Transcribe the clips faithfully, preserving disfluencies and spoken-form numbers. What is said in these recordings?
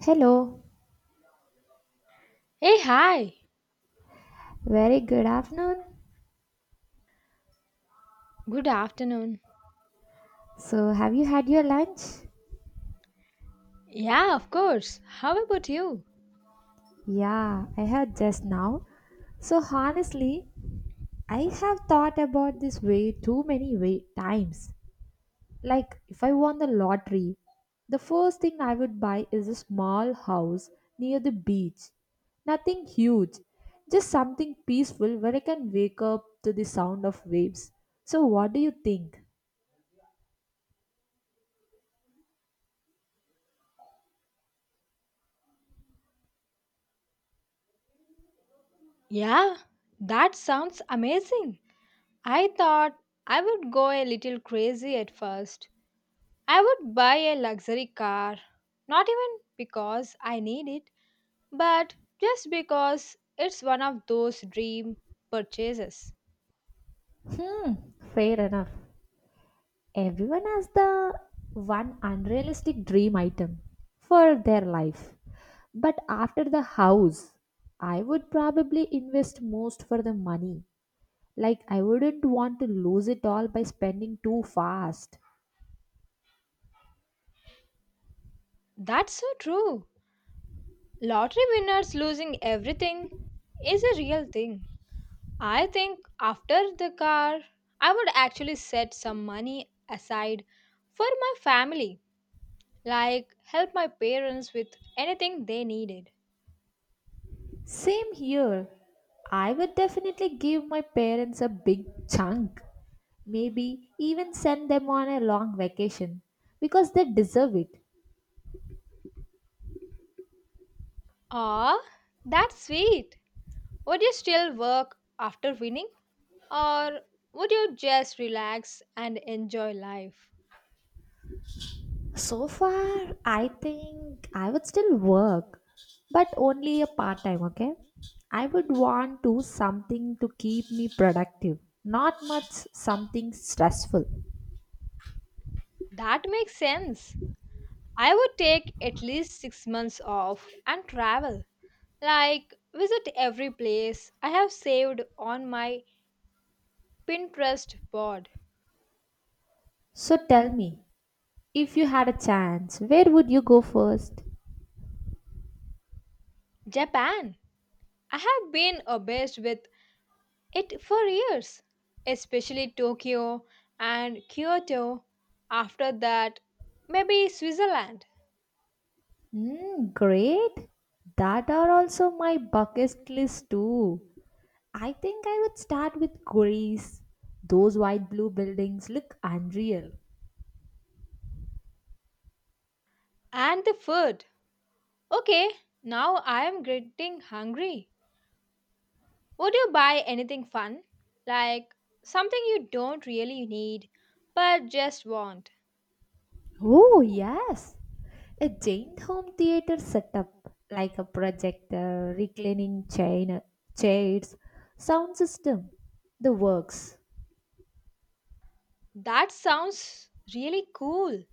Hello, Hey, hi. very good afternoon. Good afternoon. So, have you had your lunch? Yeah, of course. How about you? Yeah, I had just now. So, honestly, I have thought about this way too many way times. Like, if I won the lottery, the first thing I would buy is a small house near the beach. Nothing huge, just something peaceful where I can wake up to the sound of waves. So, what do you think? Yeah, that sounds amazing. I thought I would go a little crazy at first. I would buy a luxury car, not even because I need it, but just because it's one of those dream purchases. Hmm, fair enough. Everyone has the one unrealistic dream item for their life. But after the house, I would probably invest most for the money. Like, I wouldn't want to lose it all by spending too fast. That's so true. Lottery winners losing everything is a real thing. I think after the car, I would actually set some money aside for my family, like help my parents with anything they needed. Same here. I would definitely give my parents a big chunk. Maybe even send them on a long vacation because they deserve it. Ah, that's sweet. Would you still work after winning, or would you just relax and enjoy life? So far, I think I would still work, but only a part time, okay? I would want to something to keep me productive, not much something stressful. That makes sense. I would take at least six months off and travel, like visit every place I have saved on my Pinterest board. So tell me, if you had a chance, where would you go first? Japan. I have been obsessed with it for years, especially Tokyo and Kyoto. After that, maybe Switzerland Hmm, great. That are also my bucket list too. I think I would start with Greece. Those white blue buildings look unreal. and the food. Okay, now I am getting hungry. Would you buy anything fun? Like something you don't really need but just want. Oh, yes. A giant home theater setup like a projector, reclining chain, chairs, sound system, the works. That sounds really cool.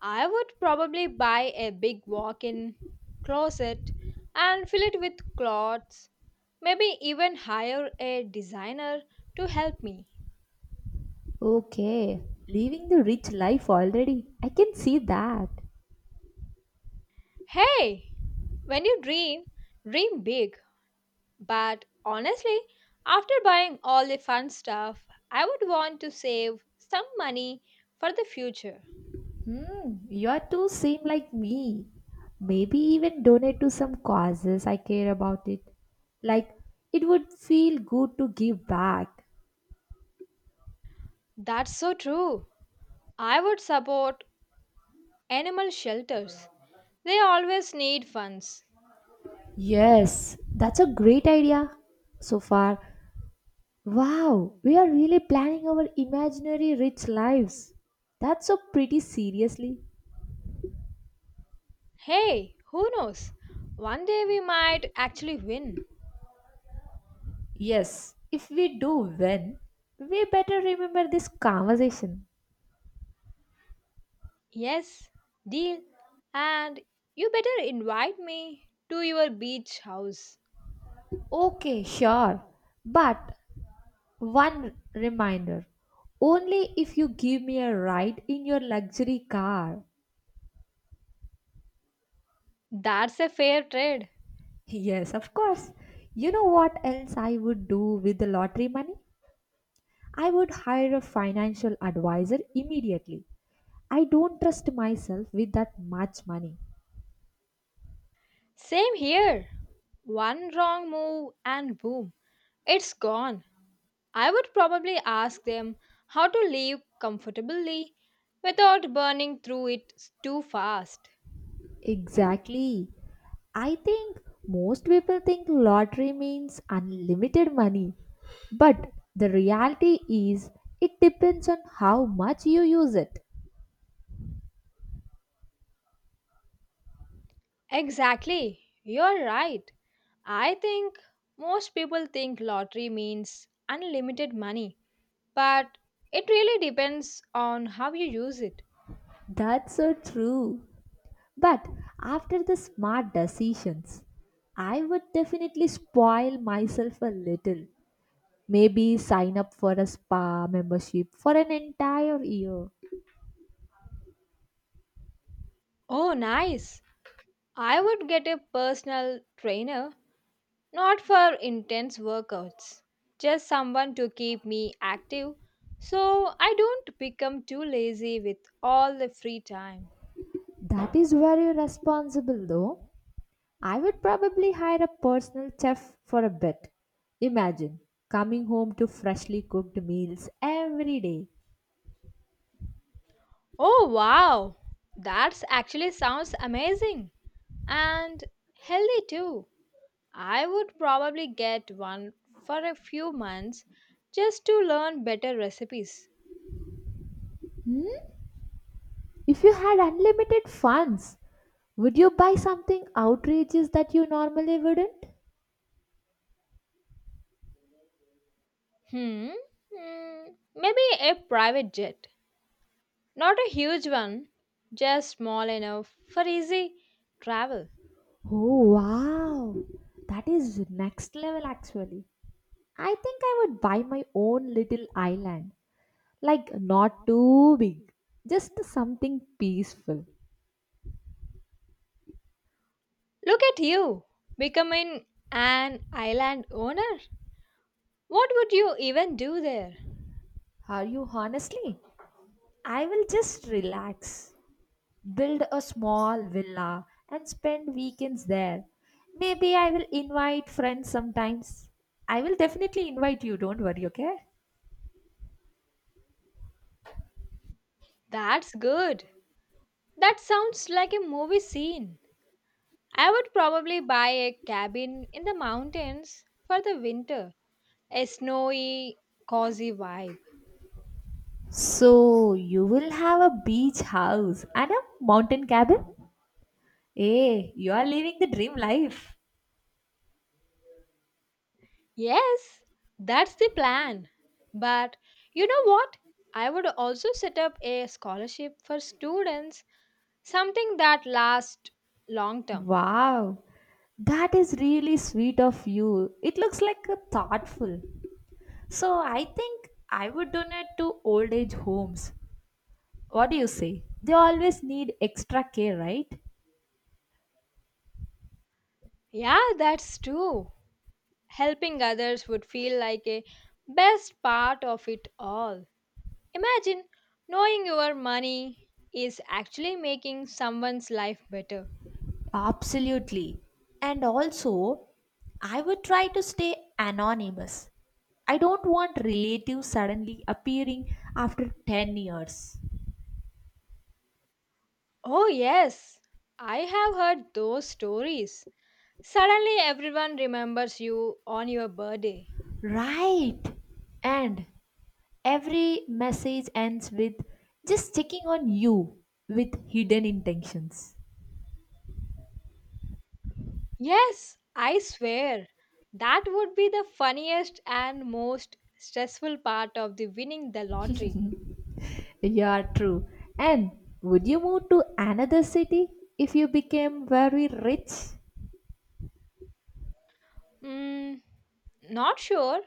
I would probably buy a big walk in closet and fill it with clothes, maybe even hire a designer to help me. Okay, living the rich life already. I can see that. Hey, when you dream, dream big. But honestly, after buying all the fun stuff, I would want to save some money for the future. Hmm, you are too same like me. Maybe even donate to some causes I care about it. Like it would feel good to give back. That's so true. I would support animal shelters, they always need funds. Yes, that's a great idea. So far, wow, we are really planning our imaginary rich lives. That's so pretty seriously. Hey, who knows? One day we might actually win. Yes, if we do win, we better remember this conversation. Yes, deal. And you better invite me to your beach house. Okay, sure. But one reminder only if you give me a ride in your luxury car. That's a fair trade. Yes, of course. You know what else I would do with the lottery money? I would hire a financial advisor immediately. I don't trust myself with that much money. Same here. One wrong move and boom, it's gone. I would probably ask them how to live comfortably without burning through it too fast. Exactly. I think most people think lottery means unlimited money, but the reality is it depends on how much you use it. Exactly. You're right. I think most people think lottery means unlimited money, but it really depends on how you use it. That's so true. But after the smart decisions, I would definitely spoil myself a little. Maybe sign up for a spa membership for an entire year. Oh, nice! I would get a personal trainer, not for intense workouts, just someone to keep me active so I don't become too lazy with all the free time. That is very responsible though. I would probably hire a personal chef for a bit. Imagine coming home to freshly cooked meals every day. Oh, wow! That's actually sounds amazing and healthy too. I would probably get one for a few months just to learn better recipes. If you had unlimited funds, would you buy something outrageous that you normally wouldn't? Hmm. Hmm. Maybe a private jet. Not a huge one, just small enough for easy travel. Oh wow, that is next level actually. I think I would buy my own little island, like not too big, just something peaceful. Look at you, becoming an island owner. What would you even do there? Are you honestly? I will just relax. Build a small villa and spend weekends there. Maybe I will invite friends sometimes. I will definitely invite you, don't worry, okay? That's good. That sounds like a movie scene. I would probably buy a cabin in the mountains for the winter. A snowy, cozy vibe. So, you will have a beach house and a mountain cabin? Hey, you are living the dream life. Yes, that's the plan. But you know what? I would also set up a scholarship for students, something that lasts long term. Wow, that is really sweet of you. It looks like a thoughtful. So, I think I would donate to old age homes. What do you say? They always need extra care, right? Yeah, that's true. Helping others would feel like a best part of it all. Imagine knowing your money is actually making someone's life better. Absolutely. And also, I would try to stay anonymous. I don't want relatives suddenly appearing after ten years. Oh, yes, I have heard those stories. Suddenly, everyone remembers you on your birthday. Right. And every message ends with just checking on you with hidden intentions. Yes, I swear. That would be the funniest and most stressful part of the winning the lottery. Yeah, true. And would you move to another city if you became very rich? Mm, Not sure.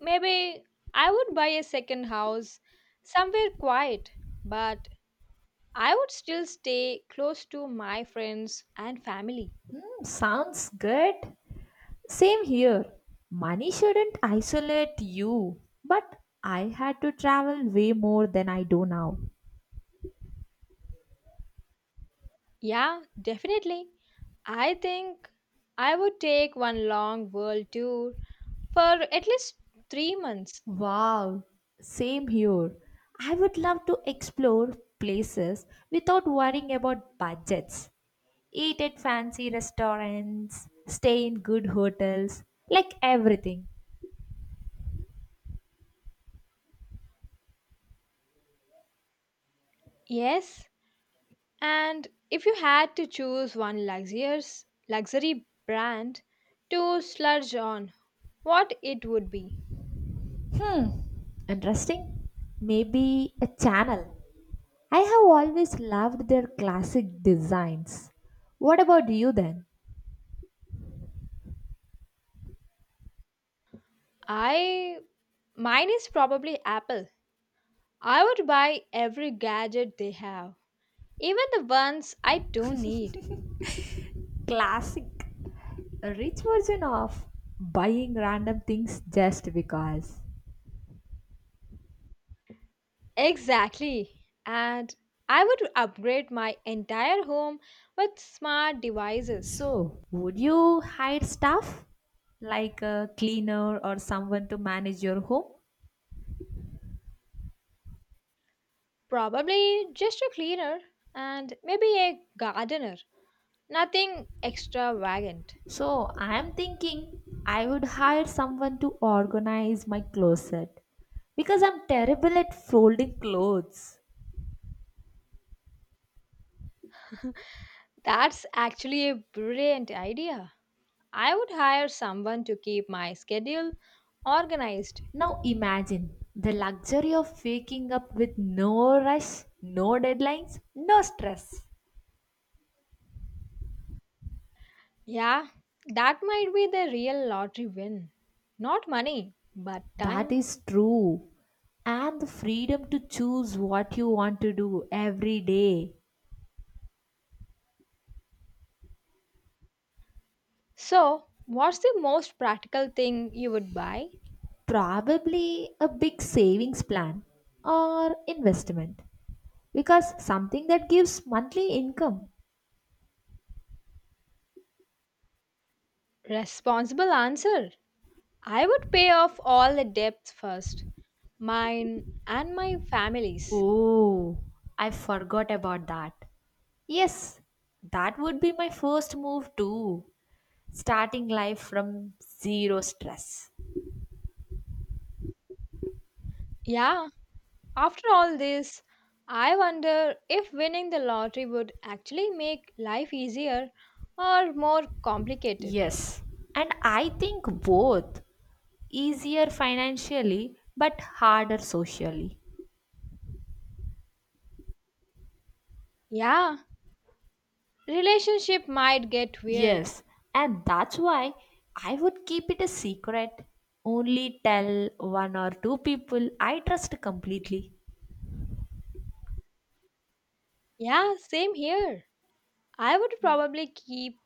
Maybe I would buy a second house somewhere quiet, but I would still stay close to my friends and family. Hmm, sounds good. Same here. Money shouldn't isolate you, but I had to travel way more than I do now. Yeah, definitely. I think I would take one long world tour for at least three months. Wow, same here. I would love to explore places without worrying about budgets. Eat at fancy restaurants, stay in good hotels, like everything. Yes, and if you had to choose one luxurious luxury brand to sludge on, what it would be? Hmm, interesting. Maybe a channel. I have always loved their classic designs. What about you then? I Mine is probably Apple. I would buy every gadget they have, even the ones I don't need. Classic. A rich version of buying random things just because. Exactly. And I would upgrade my entire home with smart devices. So, would you hire staff like a cleaner or someone to manage your home? Probably just a cleaner and maybe a gardener. Nothing extravagant. So, I am thinking I would hire someone to organize my closet because I'm terrible at folding clothes. That's actually a brilliant idea. I would hire someone to keep my schedule organized. Now, imagine the luxury of waking up with no rush, no deadlines, no stress. Yeah, that might be the real lottery win. Not money, but That time. is true. And the freedom to choose what you want to do every day. So, what's the most practical thing you would buy? Probably a big savings plan or investment. Because something that gives monthly income. Responsible answer. I would pay off all the debts first, mine and my family's. Oh, I forgot about that. Yes, that would be my first move too. Starting life from zero stress. Yeah, after all this, I wonder if winning the lottery would actually make life easier or more complicated. Yes, and I think both. Easier financially but harder socially. Yeah, relationship might get weird. Yes, and that's why I would keep it a secret. Only tell one or two people I trust completely. Yeah, same here. I would probably keep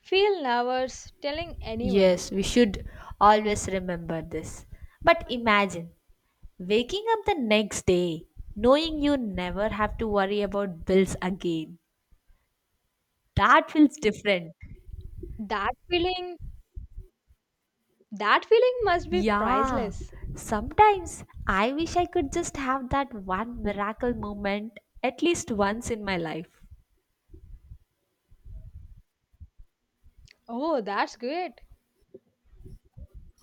feel nervous telling anyone. Yes, we should always remember this. But imagine waking up the next day knowing you never have to worry about bills again. That feels different. That feeling That feeling must be Yeah, priceless. sometimes I wish I could just have that one miracle moment at least once in my life. Oh, that's great.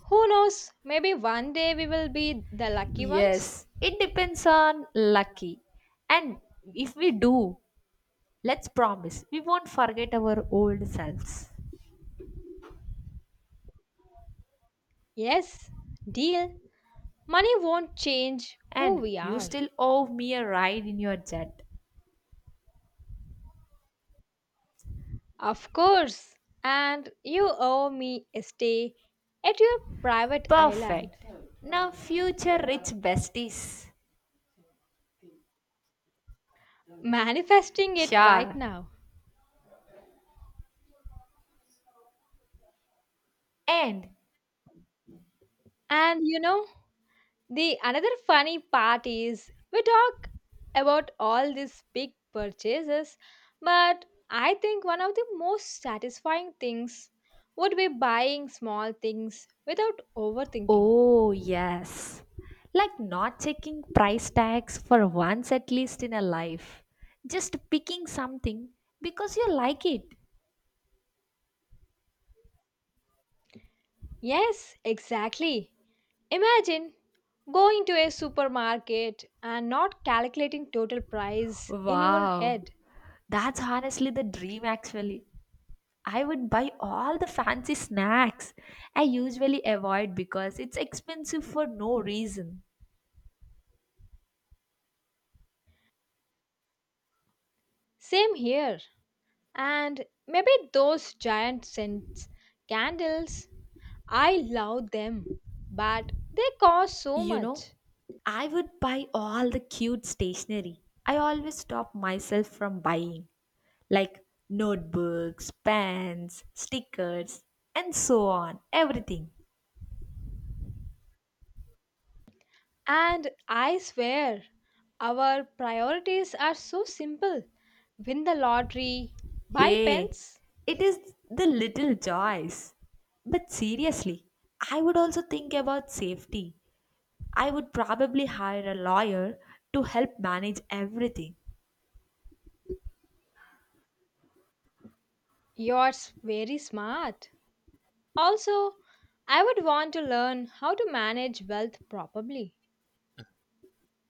Who knows? Maybe one day we will be the lucky ones. Yes, it depends on lucky. And if we do, let's promise we won't forget our old selves. Yes, deal. Money won't change who And we you are. still owe me a ride in your jet. Of course. And you owe me a stay at your private island. Perfect. Now, future rich besties. Manifesting it right Sure. now. And And you know, the another funny part is we talk about all these big purchases, but I think one of the most satisfying things would be buying small things without overthinking. oh, yes. Like not checking price tags for once at least in a life. Just picking something because you like it. Yes, exactly. Imagine going to a supermarket and not calculating total price in your Wow. head. That's honestly the dream, actually. I would buy all the fancy snacks I usually avoid because it's expensive for no reason. Same here. And maybe those giant scents candles, I love them, but they cost so You know, much. I would buy all the cute stationery I always stop myself from buying like notebooks, pens, stickers, and so on, everything. And I swear, our priorities are so simple, win the lottery, buy Hey, pens. it is the little joys. But seriously, I would also think about safety. I would probably hire a lawyer to help manage everything. Yours very smart. Also, I would want to learn how to manage wealth properly.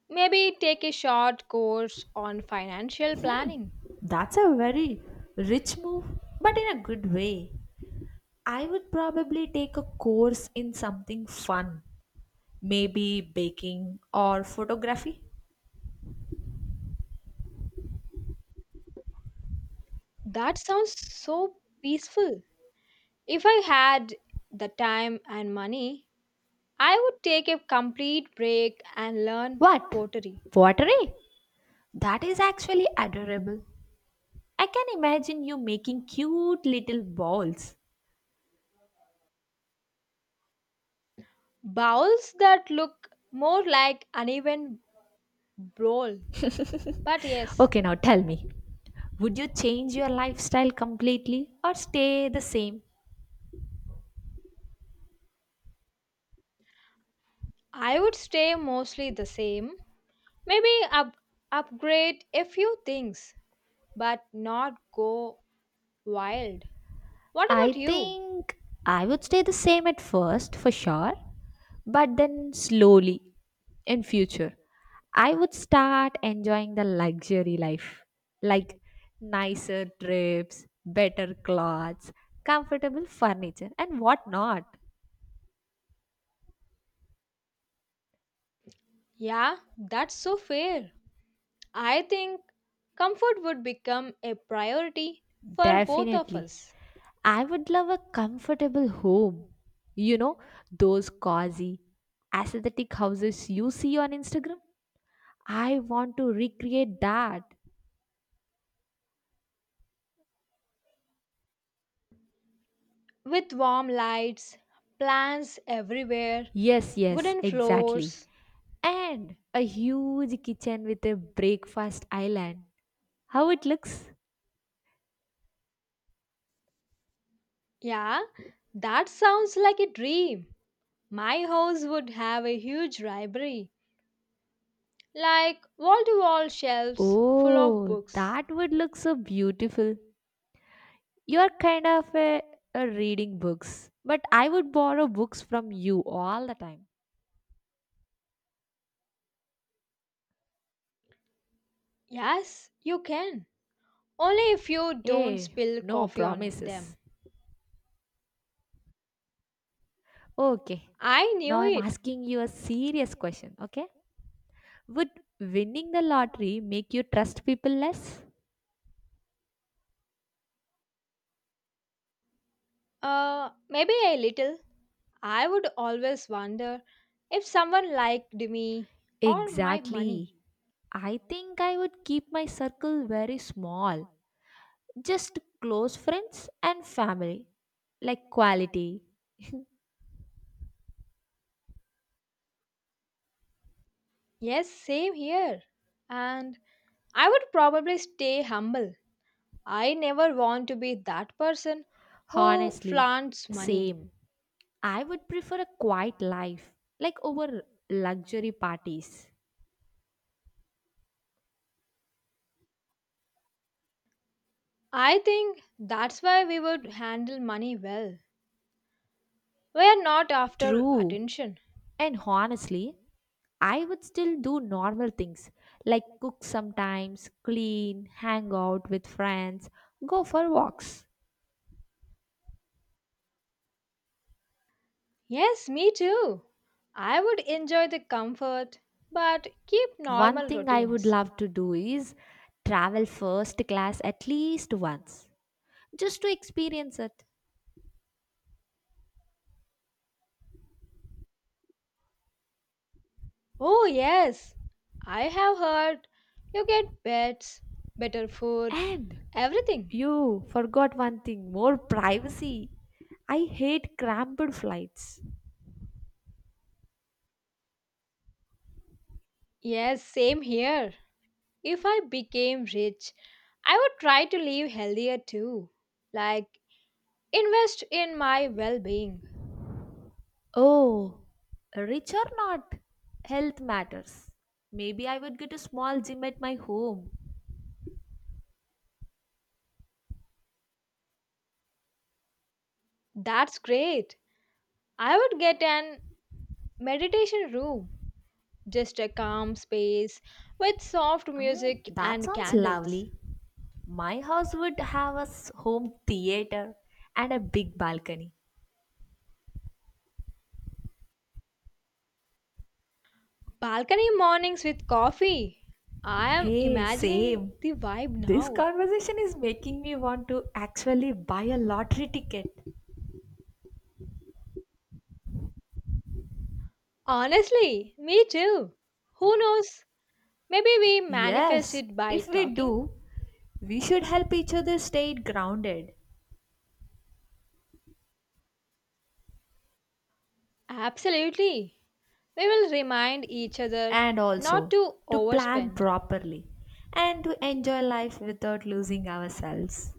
Maybe take a short course on financial planning. That's a very rich move, but in a good way. I would probably take a course in something fun, maybe baking or photography. That sounds so peaceful. If I had the time and money, I would take a complete break and learn What? pottery. Pottery? That is actually adorable. I can imagine you making cute little balls. Bowls that look more like uneven bowl. But yes, Okay, now tell me, would you change your lifestyle completely or stay the same? I would stay mostly the same. Maybe up- upgrade a few things, but not go wild. What I about you? think I would stay the same at first for sure, but then slowly in future I would start enjoying the luxury life like nicer trips, better clothes, comfortable furniture and whatnot. Yeah, that's so fair. I think comfort would become a priority for both of Definitely. us. I would love a comfortable home. You know, those cozy, aesthetic houses you see on Instagram. I want to recreate that. With warm lights, plants everywhere, Yes, yes, wooden exactly. floors. And a huge kitchen with a breakfast island. How it looks? Yeah, that sounds like a dream. My house would have a huge library, like wall to wall shelves full of Oh, books. that would look so beautiful. You're kind of a, a reading books, but I would borrow books from you all the time. Yes, you can. Only if you don't Hey, spill no coffee on them. promises. Okay. I Now knew I'm it. asking you a serious question, okay? Would winning the lottery make you trust people less? Uh, maybe a little. I would always wonder if someone liked me or my money. Exactly. I think I would keep my circle very small, just close friends and family, like quality. Yes, same here. And I would probably stay humble. I never want to be that person who Honestly, flaunts money. same. I would prefer a quiet life, like over luxury parties. I think that's why we would handle money well. We are not after True. attention. And honestly, I would still do normal things like cook sometimes, clean, hang out with friends, go for walks. Yes, me too. I would enjoy the comfort but keep One normal thing I would routines. love to do is travel first class at least once just to experience it. Oh, yes. I have heard you get pets, better food, And everything. you forgot one thing more privacy. I hate cramped flights. Yes, same here. If I became rich, I would try to live healthier too. Like invest in my well being. Oh, rich or not, health matters. Maybe I would get a small gym at my home. That's great. I would get an meditation room, just a calm space with soft Mm, music that and sounds candles. lovely. My house would have a s- home theater and a big balcony. Balcony mornings with coffee. I am Hey, imagining same. the vibe This now. conversation is making me want to actually buy a lottery ticket. Honestly, me too. Who knows? Maybe we manifest Yes, it by if we talking. do, we should help each other stay grounded. Absolutely. We will remind each other And not also to to plan overspend. properly and to enjoy life without losing ourselves.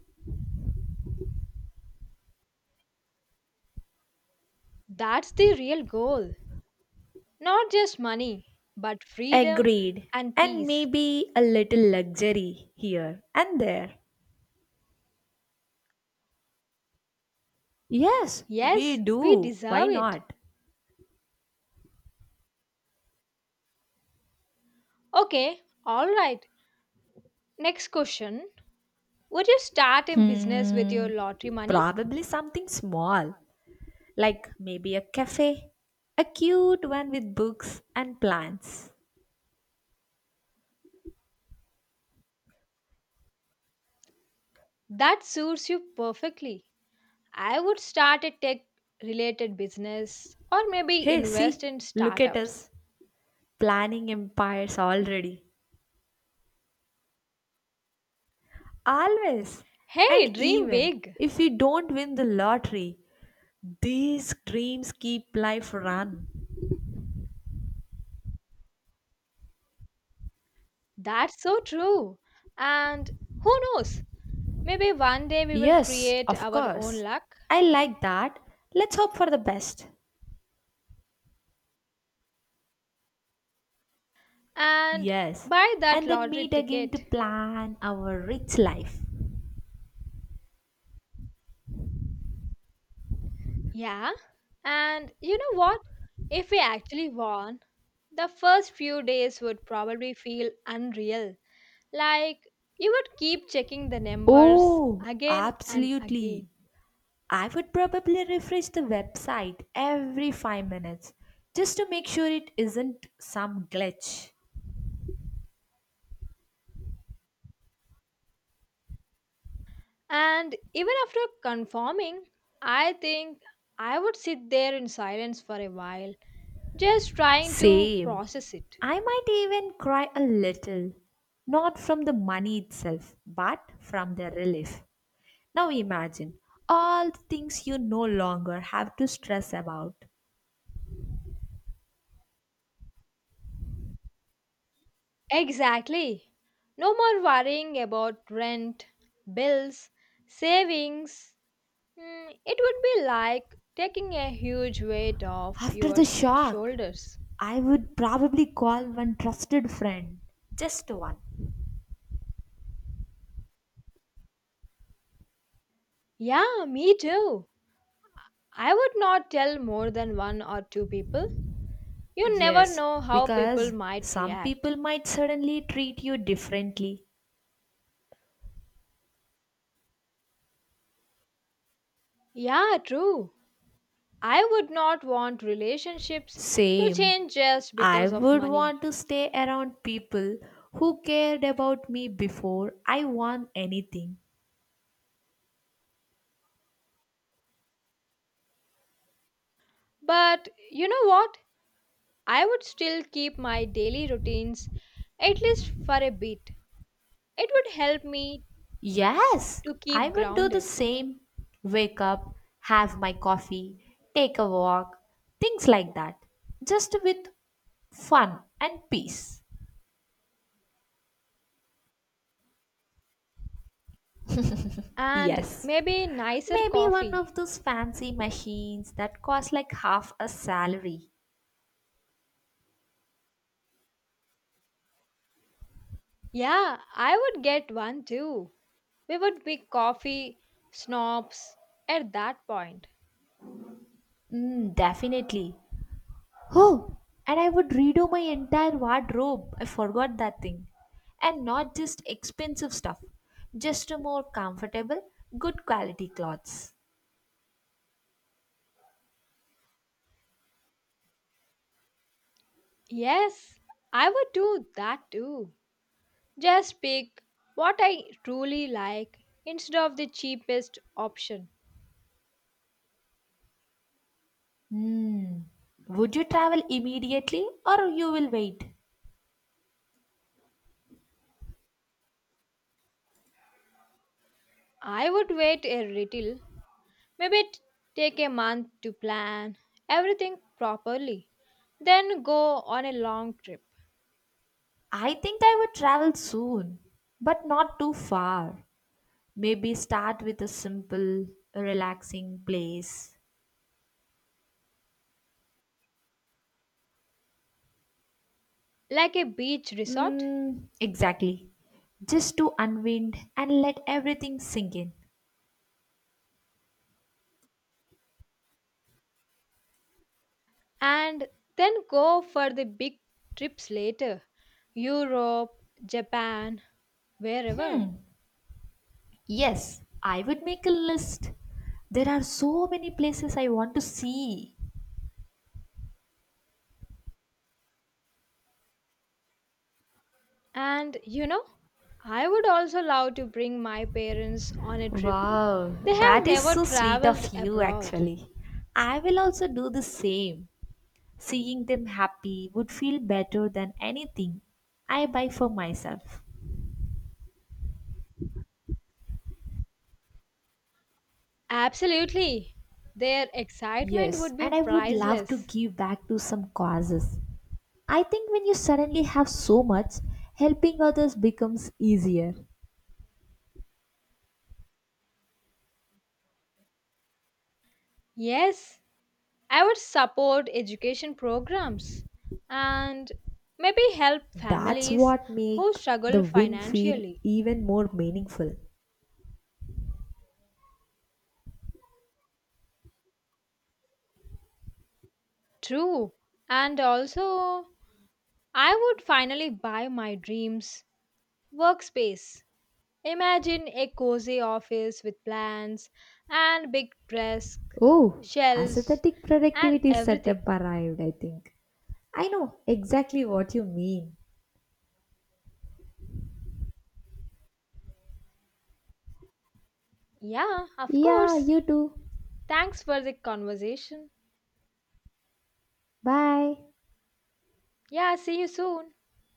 That's the real goal. Not just money, but freedom Agreed. and And peace. maybe a little luxury here and there. Yes, we Yes, we do. Why deserve it. not? Okay, alright. Next question, would you start a business with your Hmm. lottery money? Probably something small, like maybe a cafe, a cute one with books and plants. That suits you perfectly. I would start a tech related business or maybe Hey, see, invest in look at us startups. planning empires already. Always. Hey, And dream even big. if we don't win the lottery, these dreams keep life run. That's so true. And who knows? Maybe one day we will Yes, create of our own course. luck I like that. Let's hope for the best. and Yes. buy that And then lottery meet again to ticket. plan our rich life. Yeah, and you know what? If we actually won, the first few days would probably feel unreal. Like you would keep checking the numbers Oh, again and absolutely. again. I would probably refresh the website every five minutes just to make sure it isn't some glitch. And even after confirming, I think I would sit there in silence for a while, just trying to Same. process it. I might even cry a little, not from the money itself, but from the relief. Now imagine all the things you no longer have to stress about. Exactly. No more worrying about rent, bills, savings. Mm, it would be like taking a huge weight off After your the s- shock, shoulders. I would probably call one trusted friend. Just one. Yeah, me too. I would not tell more than one or two people. You never Yes, know how people because might some react. people might suddenly treat you differently. Yeah, true. I would not want relationships to Same. change just I because of would money. want to stay around people who cared about me before I won anything. But you know what? I would still keep my daily routines at least for a bit. It would help me Yes, to I keep would do the grounded. same. Wake up, have my coffee, take a walk, things like that. Just with fun and peace. And Yes. maybe nicer Maybe one coffee. of those fancy machines that cost like half a salary. Yeah, I would get one too. We would be coffee snobs at that point. Mm, definitely. Oh, and I would redo my entire wardrobe. I forgot that thing. And not just expensive stuff, just a more comfortable, good quality clothes. Yes, I would do that too. Just pick what I truly like instead of the cheapest option. Hmm. Would you travel immediately or you will wait? I would wait a little, maybe t- take a month to plan everything properly, then go on a long trip, I think I would travel soon, but not too far. Maybe start with a simple, relaxing place. like a beach resort. Mm, exactly. Just to unwind and let everything sink in. And then go for the big trips later, Europe, Japan, wherever. Yes, I would make a list. There are so many places I want to see. And you know, I would also love to bring my parents on a trip. Wow, They have that is never so sweet traveled of you, abroad. actually. I will also do the same. Seeing them happy would feel better than anything I buy for myself. Absolutely. Their excitement Yes, would be and I would love to priceless. give back to some causes. I think when you suddenly have so much, helping others becomes easier. Yes, I would support education programs and maybe help That's families what who make struggle the win feel financially. even more meaningful. True. And also, I would finally buy my dreams workspace. Imagine a cozy office with plants and big desk, Oh, shelves, aesthetic and productivity setup everything. arrived, I think. I know exactly what you mean. Yeah, of Yeah, course. you too. Thanks for the conversation. Bye. Yeah, see you soon.